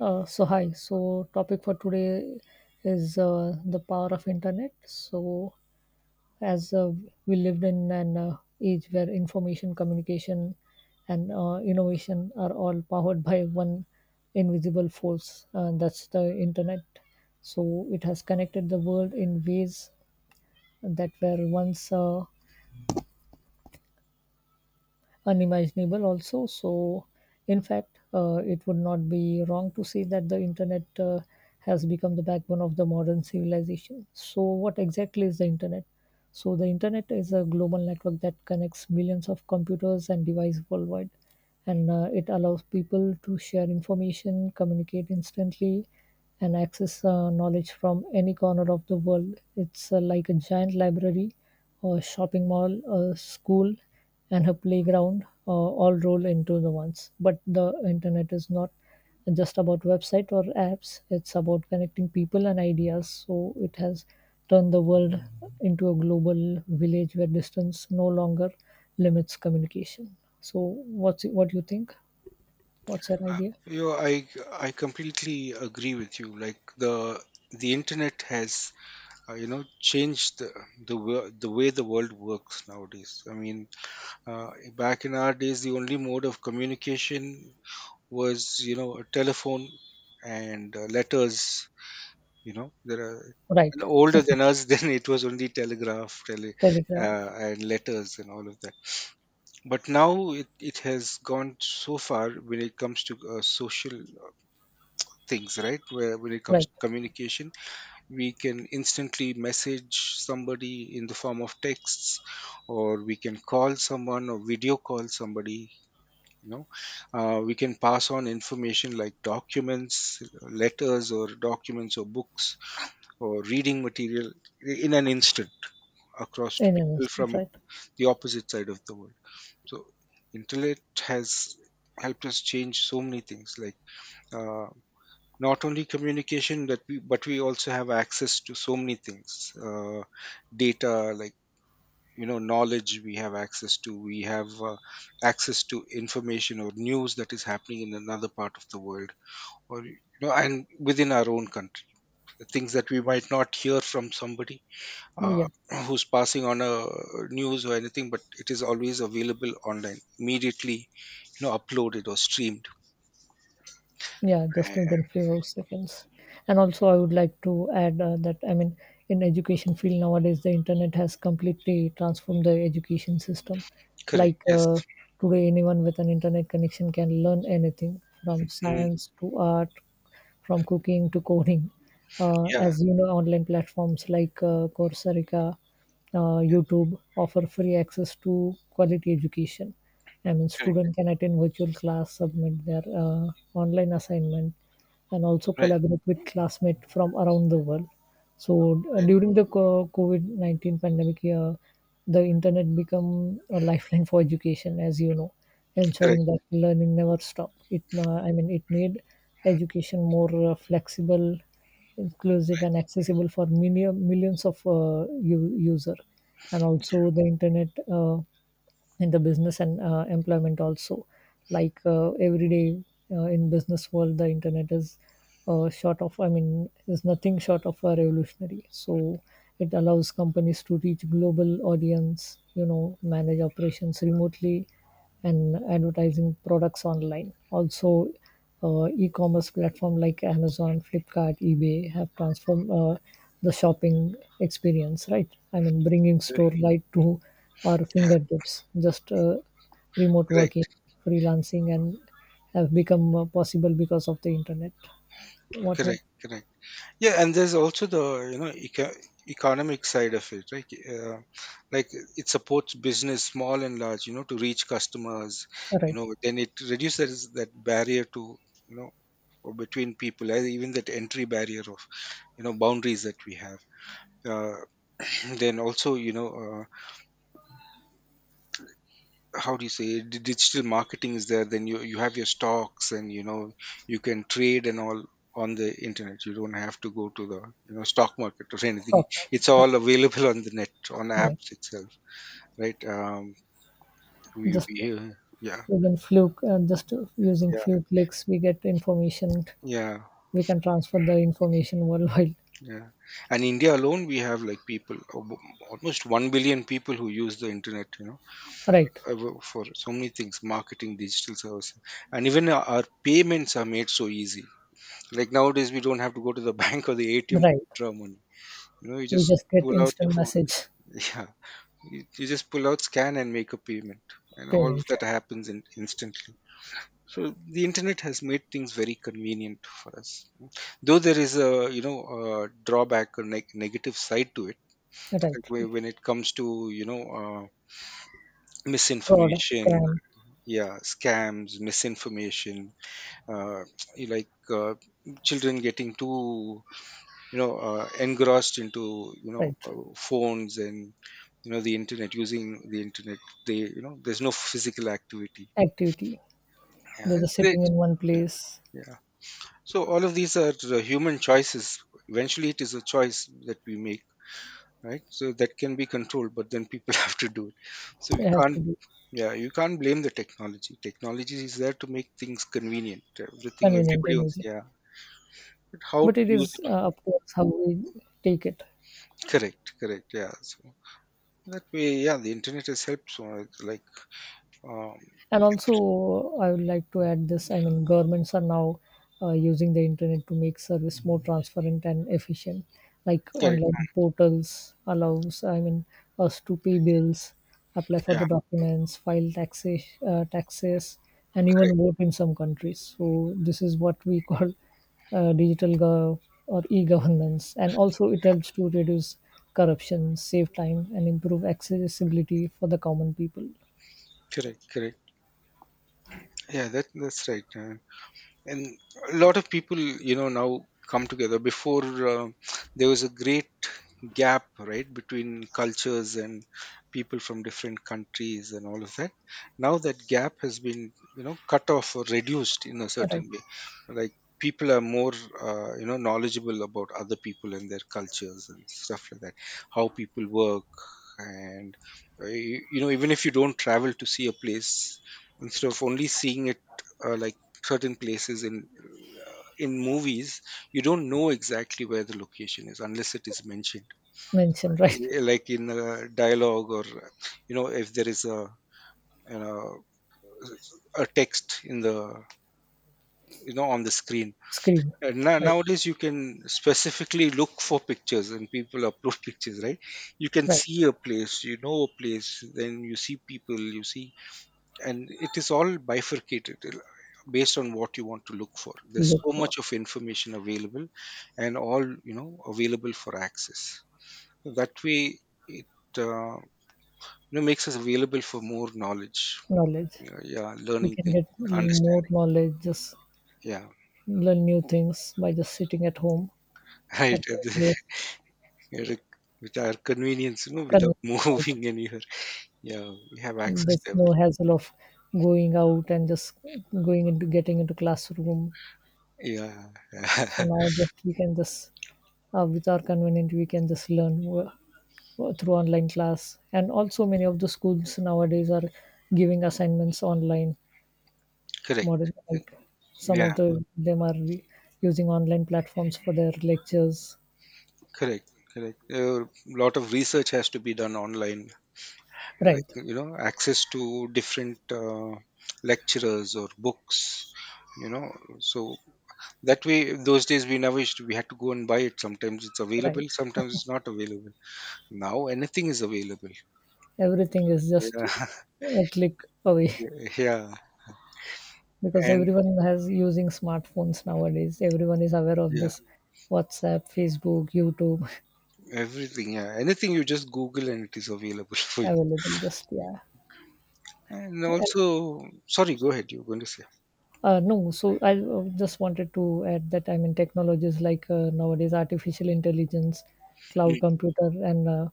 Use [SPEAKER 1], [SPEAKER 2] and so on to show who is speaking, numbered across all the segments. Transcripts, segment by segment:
[SPEAKER 1] So hi. So topic for today is the power of internet. So as we lived in an age where information, communication, and innovation are all powered by one invisible force, and that's the internet. So it has connected the world in ways that were once unimaginable also. So, in fact, it would not be wrong to say that the internet has become the backbone of the modern civilization. So, what exactly is the internet? So, the internet is a global network that connects millions of computers and devices worldwide, and it allows people to share information, communicate instantly, and access knowledge from any corner of the world. It's like a giant library, a shopping mall, a school, and her playground all roll into the ones. But the internet is not just about website or apps, it's about connecting people and ideas. So it has turned the world into a global village where distance no longer limits communication. So what do you think? What's your idea?
[SPEAKER 2] I completely agree with you. Like the internet has changed the way the world works nowadays. I mean, back in our days, the only mode of communication was a telephone and letters. There are and
[SPEAKER 1] Right.
[SPEAKER 2] older than us, then it was only telegraph,
[SPEAKER 1] Telegram.
[SPEAKER 2] and letters and all of that. But now it has gone so far when it comes to social things, right, where when it comes
[SPEAKER 1] Right.
[SPEAKER 2] to communication we can instantly message somebody in the form of texts, or we can call someone or video call somebody. you know we can pass on information like documents, letters or documents or books or reading material in an instant across to
[SPEAKER 1] In,
[SPEAKER 2] people from
[SPEAKER 1] right?
[SPEAKER 2] the opposite side of the world. So internet has helped us change so many things, like uh, not only communication that we, but we also have access to so many things, data, like knowledge. We have access to, we have access to information or news that is happening in another part of the world or and within our own country, the things that we might not hear from somebody, uh,
[SPEAKER 1] Yeah.
[SPEAKER 2] who's passing on a news or anything, but it is always available online immediately, uploaded or streamed.
[SPEAKER 1] Yeah,
[SPEAKER 2] Uh,
[SPEAKER 1] just within few seconds. And also, I would like to add that I mean, in education field nowadays, the internet has completely transformed the education system.
[SPEAKER 2] correct,
[SPEAKER 1] Like
[SPEAKER 2] yes.
[SPEAKER 1] today, anyone with an internet connection can learn anything from
[SPEAKER 2] Mm,
[SPEAKER 1] science to art, from cooking to coding.
[SPEAKER 2] yeah,
[SPEAKER 1] As you know, online platforms like Coursera, YouTube offer free access to quality education. I mean,
[SPEAKER 2] correct,
[SPEAKER 1] student can attend virtual class, submit their online assignment, and also
[SPEAKER 2] right,
[SPEAKER 1] collaborate with classmates from around the world. So
[SPEAKER 2] right,
[SPEAKER 1] during the COVID 19 pandemic, the internet become a lifeline for education, as you know,
[SPEAKER 2] correct.
[SPEAKER 1] ensuring that
[SPEAKER 2] Right.
[SPEAKER 1] learning never stop. It, I mean, it made education more flexible, inclusive and accessible for millions of user, and
[SPEAKER 2] Yeah,
[SPEAKER 1] also the internet in the business and employment also, like every day, in business world the internet is short of I mean is nothing short of a revolutionary. So it allows companies to reach global audience, you know, manage operations remotely, and advertising products online also. E-commerce platform like Amazon, Flipkart, eBay have transformed the shopping experience, right? I mean, bringing store right to our
[SPEAKER 2] yeah,
[SPEAKER 1] fingertips, just remote working,
[SPEAKER 2] correct,
[SPEAKER 1] freelancing, and have become possible because of the internet. What?
[SPEAKER 2] correct, correct. Yeah, and there's also the economic side of it, right? Like it supports business, small and large, to reach customers. You
[SPEAKER 1] Right,
[SPEAKER 2] know, then it reduces that barrier to, you know or between people, and even that entry barrier of, boundaries that we have. Uh, then also, how do you say, digital marketing is there. Then you have your stocks, and you can trade and all on the internet. You don't have to go to the, stock market or anything.
[SPEAKER 1] stock market,
[SPEAKER 2] It's
[SPEAKER 1] right?
[SPEAKER 2] all available on the net, on
[SPEAKER 1] Yeah.
[SPEAKER 2] apps itself, right.
[SPEAKER 1] Just
[SPEAKER 2] We yeah,
[SPEAKER 1] within few, just using
[SPEAKER 2] yeah,
[SPEAKER 1] few clicks, we get information.
[SPEAKER 2] yeah,
[SPEAKER 1] We can transfer the information worldwide.
[SPEAKER 2] yeah. And India alone, we have like people, almost 1 billion people, who use the internet,
[SPEAKER 1] Right,
[SPEAKER 2] for so many things, marketing, digital services. And even our payments are made so easy. Like nowadays, we don't have to go to the bank or the ATM to
[SPEAKER 1] right.
[SPEAKER 2] withdraw money. You
[SPEAKER 1] We
[SPEAKER 2] just
[SPEAKER 1] just get
[SPEAKER 2] pull out your
[SPEAKER 1] instant
[SPEAKER 2] phone.
[SPEAKER 1] message
[SPEAKER 2] Yeah, you just pull out, scan, and make a payment, and all of
[SPEAKER 1] payment,
[SPEAKER 2] that
[SPEAKER 1] right.
[SPEAKER 2] happens instantly. So the internet has made things very convenient for us. Though there is a you know a drawback or negative side to it,
[SPEAKER 1] Right,
[SPEAKER 2] like
[SPEAKER 1] right.
[SPEAKER 2] when it comes to,
[SPEAKER 1] Fraud
[SPEAKER 2] misinformation.
[SPEAKER 1] scam,
[SPEAKER 2] Yeah, scams, misinformation. uh, like children getting too engrossed into
[SPEAKER 1] right.
[SPEAKER 2] phones and the internet, using the internet. They, there's no physical activity.
[SPEAKER 1] Activity,
[SPEAKER 2] Yeah.
[SPEAKER 1] they're just
[SPEAKER 2] they,
[SPEAKER 1] sitting in one
[SPEAKER 2] yeah,
[SPEAKER 1] place.
[SPEAKER 2] yeah. So all of these are human choices. Eventually it is a choice that we make, right? So that can be controlled, but then people have to do it, so we
[SPEAKER 1] They have
[SPEAKER 2] can't.
[SPEAKER 1] to be
[SPEAKER 2] Yeah, you can't blame the technology. Technology is there to make things convenient, everything
[SPEAKER 1] convenient
[SPEAKER 2] everybody
[SPEAKER 1] and
[SPEAKER 2] wants,
[SPEAKER 1] easy,
[SPEAKER 2] yeah. But how
[SPEAKER 1] but
[SPEAKER 2] to
[SPEAKER 1] it
[SPEAKER 2] use
[SPEAKER 1] is
[SPEAKER 2] it,
[SPEAKER 1] up to us how we take it.
[SPEAKER 2] correct, correct, yeah. So that way, yeah, the internet has helped. So, like, um,
[SPEAKER 1] And also I would like to add this, I mean governments are now using the internet to make service more transparent and efficient, like
[SPEAKER 2] correct,
[SPEAKER 1] online portals allows, I mean, us to pay bills, apply for
[SPEAKER 2] yeah,
[SPEAKER 1] the documents, file taxes, taxes, and
[SPEAKER 2] correct,
[SPEAKER 1] even vote in some countries. So this is what we call digital gov or e-governance. And also it helps to reduce corruption, save time and improve accessibility for the common people.
[SPEAKER 2] correct, correct. Yeah, that's right. And a lot of people, now, come together. Before, uh, there was a great gap, right, between cultures and people from different countries and all of that. Now that gap has been, cut off or reduced in a
[SPEAKER 1] Right,
[SPEAKER 2] certain way, like people are more, knowledgeable about other people and their cultures and stuff like that, how people work. And you, you know even if you don't travel to see a place, instead of only seeing it, like certain places in movies, you don't know exactly where the location is unless it is mentioned.
[SPEAKER 1] mention, right?
[SPEAKER 2] Like in a dialogue, or if there is a, you know a text in the on the screen.
[SPEAKER 1] Screen,
[SPEAKER 2] And now,
[SPEAKER 1] right?
[SPEAKER 2] nowadays you can specifically look for pictures, and people upload pictures, right? You can
[SPEAKER 1] Right.
[SPEAKER 2] see a place, a place, then you see people. And it is all bifurcated, based on what you want to look for. There's
[SPEAKER 1] Look
[SPEAKER 2] so
[SPEAKER 1] for
[SPEAKER 2] much of information available, and all, available for access. That way it, uh, makes us available for more knowledge,
[SPEAKER 1] knowledge.
[SPEAKER 2] yeah,
[SPEAKER 1] We
[SPEAKER 2] learning
[SPEAKER 1] can
[SPEAKER 2] things,
[SPEAKER 1] get more
[SPEAKER 2] understanding.
[SPEAKER 1] knowledge, just
[SPEAKER 2] Yeah.
[SPEAKER 1] learn new things by just sitting at home
[SPEAKER 2] Right,
[SPEAKER 1] at one place,
[SPEAKER 2] at the- with our convenience, without
[SPEAKER 1] convenient, right?
[SPEAKER 2] moving anywhere. Yeah, we have access
[SPEAKER 1] There's
[SPEAKER 2] to
[SPEAKER 1] no
[SPEAKER 2] everything,
[SPEAKER 1] hassle of going out and just going into getting into classroom.
[SPEAKER 2] yeah.
[SPEAKER 1] So now just we can just with our convenient we can just learn through online class. And also many of the schools nowadays are giving assignments online,
[SPEAKER 2] Correct,
[SPEAKER 1] modern, like some
[SPEAKER 2] yeah,
[SPEAKER 1] of the them are using online platforms for their lectures,
[SPEAKER 2] correct, correct. A lot of research has to be done online, like,
[SPEAKER 1] right,
[SPEAKER 2] access to different lecturers or books, you know so that way, those days we never used to, we had to go and buy it, sometimes it's available,
[SPEAKER 1] right.
[SPEAKER 2] sometimes it's not available. Now anything is available.
[SPEAKER 1] Everything is just
[SPEAKER 2] Yeah.
[SPEAKER 1] a click away.
[SPEAKER 2] Yeah.
[SPEAKER 1] Because
[SPEAKER 2] And
[SPEAKER 1] everyone has using smartphones nowadays, everyone is aware of
[SPEAKER 2] yeah,
[SPEAKER 1] this. WhatsApp, Facebook, YouTube.
[SPEAKER 2] everything. Yeah, anything you just google and it is available for you.
[SPEAKER 1] Available, just yeah.
[SPEAKER 2] And also, sorry, go ahead, you're going to say.
[SPEAKER 1] No, so I just wanted to add that I mean technologies like nowadays artificial intelligence, cloud
[SPEAKER 2] Mm,
[SPEAKER 1] computer, and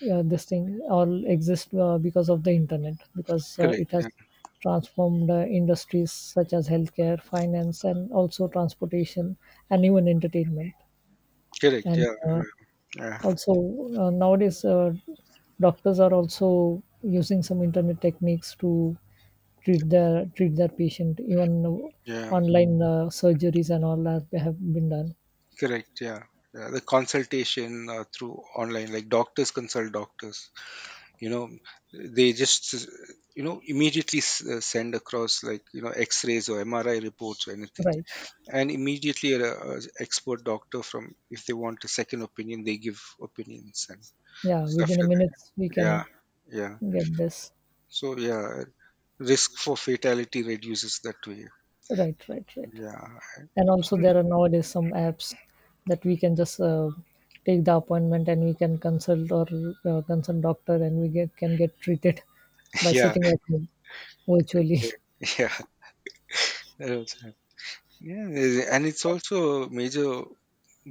[SPEAKER 1] yeah, this thing all exist because of the internet, because
[SPEAKER 2] correct,
[SPEAKER 1] it has
[SPEAKER 2] yeah.
[SPEAKER 1] transformed industries such as healthcare, finance, and also transportation and even entertainment.
[SPEAKER 2] Correct,
[SPEAKER 1] And
[SPEAKER 2] yeah, yeah, yeah.
[SPEAKER 1] also nowadays doctors are also using some internet techniques to treat their patient, even
[SPEAKER 2] Yeah.
[SPEAKER 1] online surgeries and all that have been done,
[SPEAKER 2] Correct. Yeah. Yeah, the consultation through online, like doctors consult doctors. You know, they just immediately send across, like, X-rays or MRI reports or anything,
[SPEAKER 1] right.
[SPEAKER 2] and immediately a expert doctor, from if they want a second opinion, they give opinions and
[SPEAKER 1] Yeah,
[SPEAKER 2] stuff
[SPEAKER 1] within a
[SPEAKER 2] like
[SPEAKER 1] minute
[SPEAKER 2] that.
[SPEAKER 1] we
[SPEAKER 2] Yeah,
[SPEAKER 1] can
[SPEAKER 2] yeah.
[SPEAKER 1] get this,
[SPEAKER 2] So yeah, risk for fatality reduces that way.
[SPEAKER 1] right, right, right.
[SPEAKER 2] Yeah,
[SPEAKER 1] And also there are nowadays some apps that we can just take the appointment and we can consult or consult doctor and we get can get treated by
[SPEAKER 2] yeah,
[SPEAKER 1] sitting at home virtually.
[SPEAKER 2] yeah. Yeah. Yeah, and it's also a major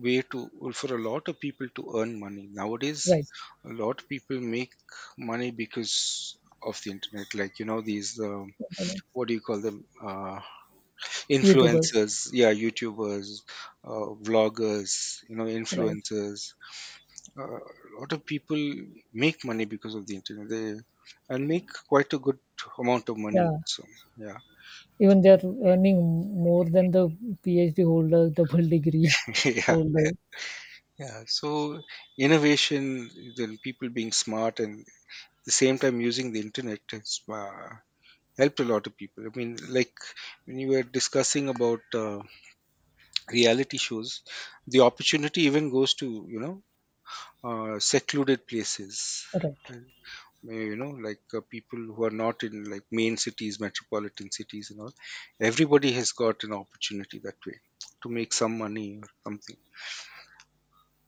[SPEAKER 2] way to well, for a lot of people to earn money nowadays.
[SPEAKER 1] Right,
[SPEAKER 2] A lot of people make money because of the internet. Like, these what do you call them? Uh,
[SPEAKER 1] YouTubers,
[SPEAKER 2] influencers, yeah, YouTubers, vloggers,
[SPEAKER 1] right,
[SPEAKER 2] influencers. A lot of people make money because of the internet. They, and make quite a good amount of money.
[SPEAKER 1] yeah.
[SPEAKER 2] So yeah,
[SPEAKER 1] Even they are earning more than the PhD holder, double degree
[SPEAKER 2] yeah.
[SPEAKER 1] holder.
[SPEAKER 2] Yeah, so innovation, then people being smart and at the same time using the internet, has helped a lot of people. I mean, like when you were discussing about reality shows, the opportunity even goes to, secluded places.
[SPEAKER 1] Right.
[SPEAKER 2] And, like people who are not in, like, main cities, metropolitan cities, and all. Everybody has got an opportunity that way to make some money or something.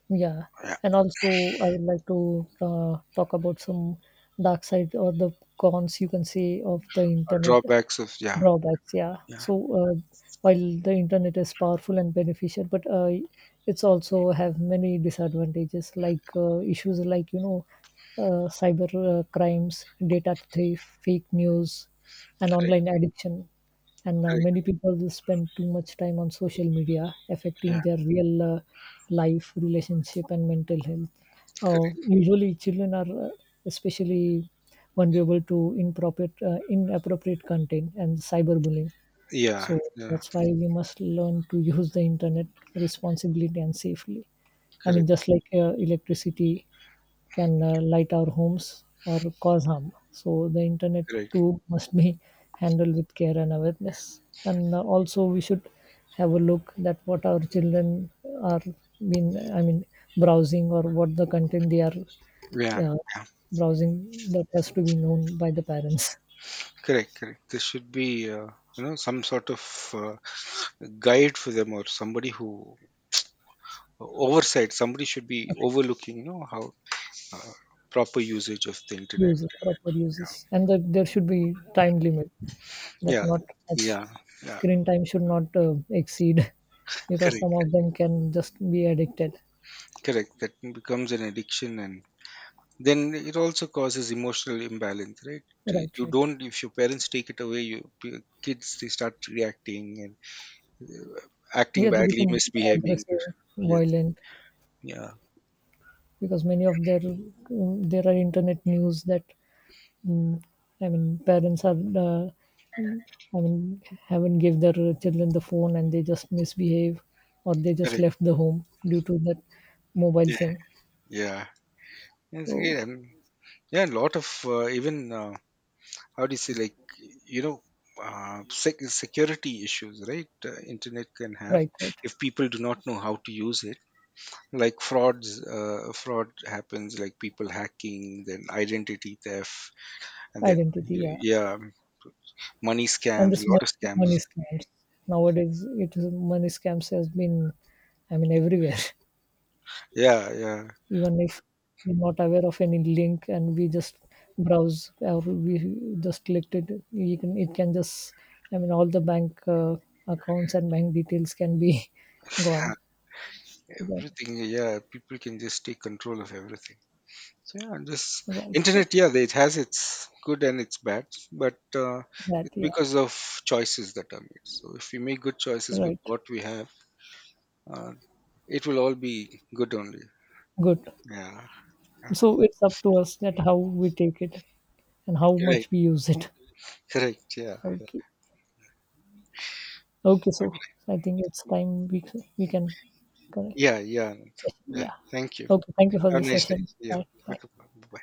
[SPEAKER 1] Yeah.
[SPEAKER 2] Yeah,
[SPEAKER 1] And also, I would like to talk about some dark side or the cons you can say of the internet.
[SPEAKER 2] drawbacks of, yeah,
[SPEAKER 1] Drawbacks, yeah.
[SPEAKER 2] yeah,
[SPEAKER 1] So while the internet is powerful and beneficial, but it's also have many disadvantages, like issues like, you know, cyber crimes, data theft, fake news, and online
[SPEAKER 2] correct,
[SPEAKER 1] addiction. And many people will spend too much time on social media, affecting
[SPEAKER 2] correct.
[SPEAKER 1] their real life relationship and mental health.
[SPEAKER 2] Correct.
[SPEAKER 1] Usually children are especially vulnerable to inappropriate content and cyberbullying.
[SPEAKER 2] Yeah,
[SPEAKER 1] So
[SPEAKER 2] yeah,
[SPEAKER 1] that's why we must learn to use the internet responsibly and safely. I
[SPEAKER 2] correct,
[SPEAKER 1] mean, just like electricity can light our homes or cause harm, so the internet
[SPEAKER 2] correct.
[SPEAKER 1] too must be handled with care and awareness. And also, we should have a look that what our children are been, I mean, browsing or what the content they are,
[SPEAKER 2] Yeah,
[SPEAKER 1] yeah,
[SPEAKER 2] yeah,
[SPEAKER 1] browsing, that has to be known by the parents.
[SPEAKER 2] correct, correct. There should be, some sort of uh, guide for them, or somebody who oversight. Somebody should be
[SPEAKER 1] Correct.
[SPEAKER 2] overlooking, how uh, proper usage of the internet.
[SPEAKER 1] Uses,
[SPEAKER 2] And,
[SPEAKER 1] proper uses, and that there should be time limit. That
[SPEAKER 2] yeah,
[SPEAKER 1] not much
[SPEAKER 2] yeah, yeah,
[SPEAKER 1] screen time should not exceed, because some
[SPEAKER 2] correct,
[SPEAKER 1] of them can just be addicted.
[SPEAKER 2] correct. That becomes an addiction, and then it also causes emotional imbalance, right?
[SPEAKER 1] Right,
[SPEAKER 2] You
[SPEAKER 1] right.
[SPEAKER 2] don't, if your parents take it away, you kids, they start reacting and acting
[SPEAKER 1] Yeah, they
[SPEAKER 2] badly,
[SPEAKER 1] become
[SPEAKER 2] misbehaving.
[SPEAKER 1] aggressive,
[SPEAKER 2] Yes.
[SPEAKER 1] violent,
[SPEAKER 2] Yeah,
[SPEAKER 1] because many of their there are internet news that mm, I mean parents are I mean, haven't give their children the phone and they just misbehave or they just
[SPEAKER 2] correct.
[SPEAKER 1] left the home due to that mobile
[SPEAKER 2] Yeah,
[SPEAKER 1] thing.
[SPEAKER 2] yeah, it's great.
[SPEAKER 1] So,
[SPEAKER 2] And yeah, a lot of even how do you say, like, security issues, right? Internet can have,
[SPEAKER 1] right, right.
[SPEAKER 2] if people do not know how to use it. Like frauds, fraud happens. Like people hacking, then identity theft, and then,
[SPEAKER 1] Identity, yeah.
[SPEAKER 2] yeah, money
[SPEAKER 1] And
[SPEAKER 2] scams. A
[SPEAKER 1] this
[SPEAKER 2] lot of
[SPEAKER 1] money
[SPEAKER 2] scams.
[SPEAKER 1] scams. Nowadays, it is money scams has been, I mean, everywhere.
[SPEAKER 2] Yeah, yeah,
[SPEAKER 1] Even if we're not aware of any link and we just browse or we just clicked it, you can, it can just, I mean, all the bank accounts and bank details can be
[SPEAKER 2] yeah.
[SPEAKER 1] gone. Yeah.
[SPEAKER 2] Everything. Yeah, people can just take control of everything. So yeah, this
[SPEAKER 1] Right, right.
[SPEAKER 2] internet, yeah, it has its good and its bad, but
[SPEAKER 1] That,
[SPEAKER 2] it's
[SPEAKER 1] yeah,
[SPEAKER 2] because of choices that are made. So if we make good choices with
[SPEAKER 1] right.
[SPEAKER 2] what we have, uh, it will all be good only.
[SPEAKER 1] Good.
[SPEAKER 2] Yeah, yeah.
[SPEAKER 1] So it's up to us that how we take it and how
[SPEAKER 2] Correct,
[SPEAKER 1] much we use it.
[SPEAKER 2] correct. Yeah.
[SPEAKER 1] Okay. Okay, so
[SPEAKER 2] Okay,
[SPEAKER 1] I think it's time we can correct.
[SPEAKER 2] yeah, yeah, yeah.
[SPEAKER 1] Yeah.
[SPEAKER 2] Thank you.
[SPEAKER 1] Okay, thank you for
[SPEAKER 2] Have
[SPEAKER 1] the
[SPEAKER 2] a nice day.
[SPEAKER 1] session.
[SPEAKER 2] Yeah,
[SPEAKER 1] Bye.
[SPEAKER 2] bye,
[SPEAKER 1] Bye.
[SPEAKER 2] bye.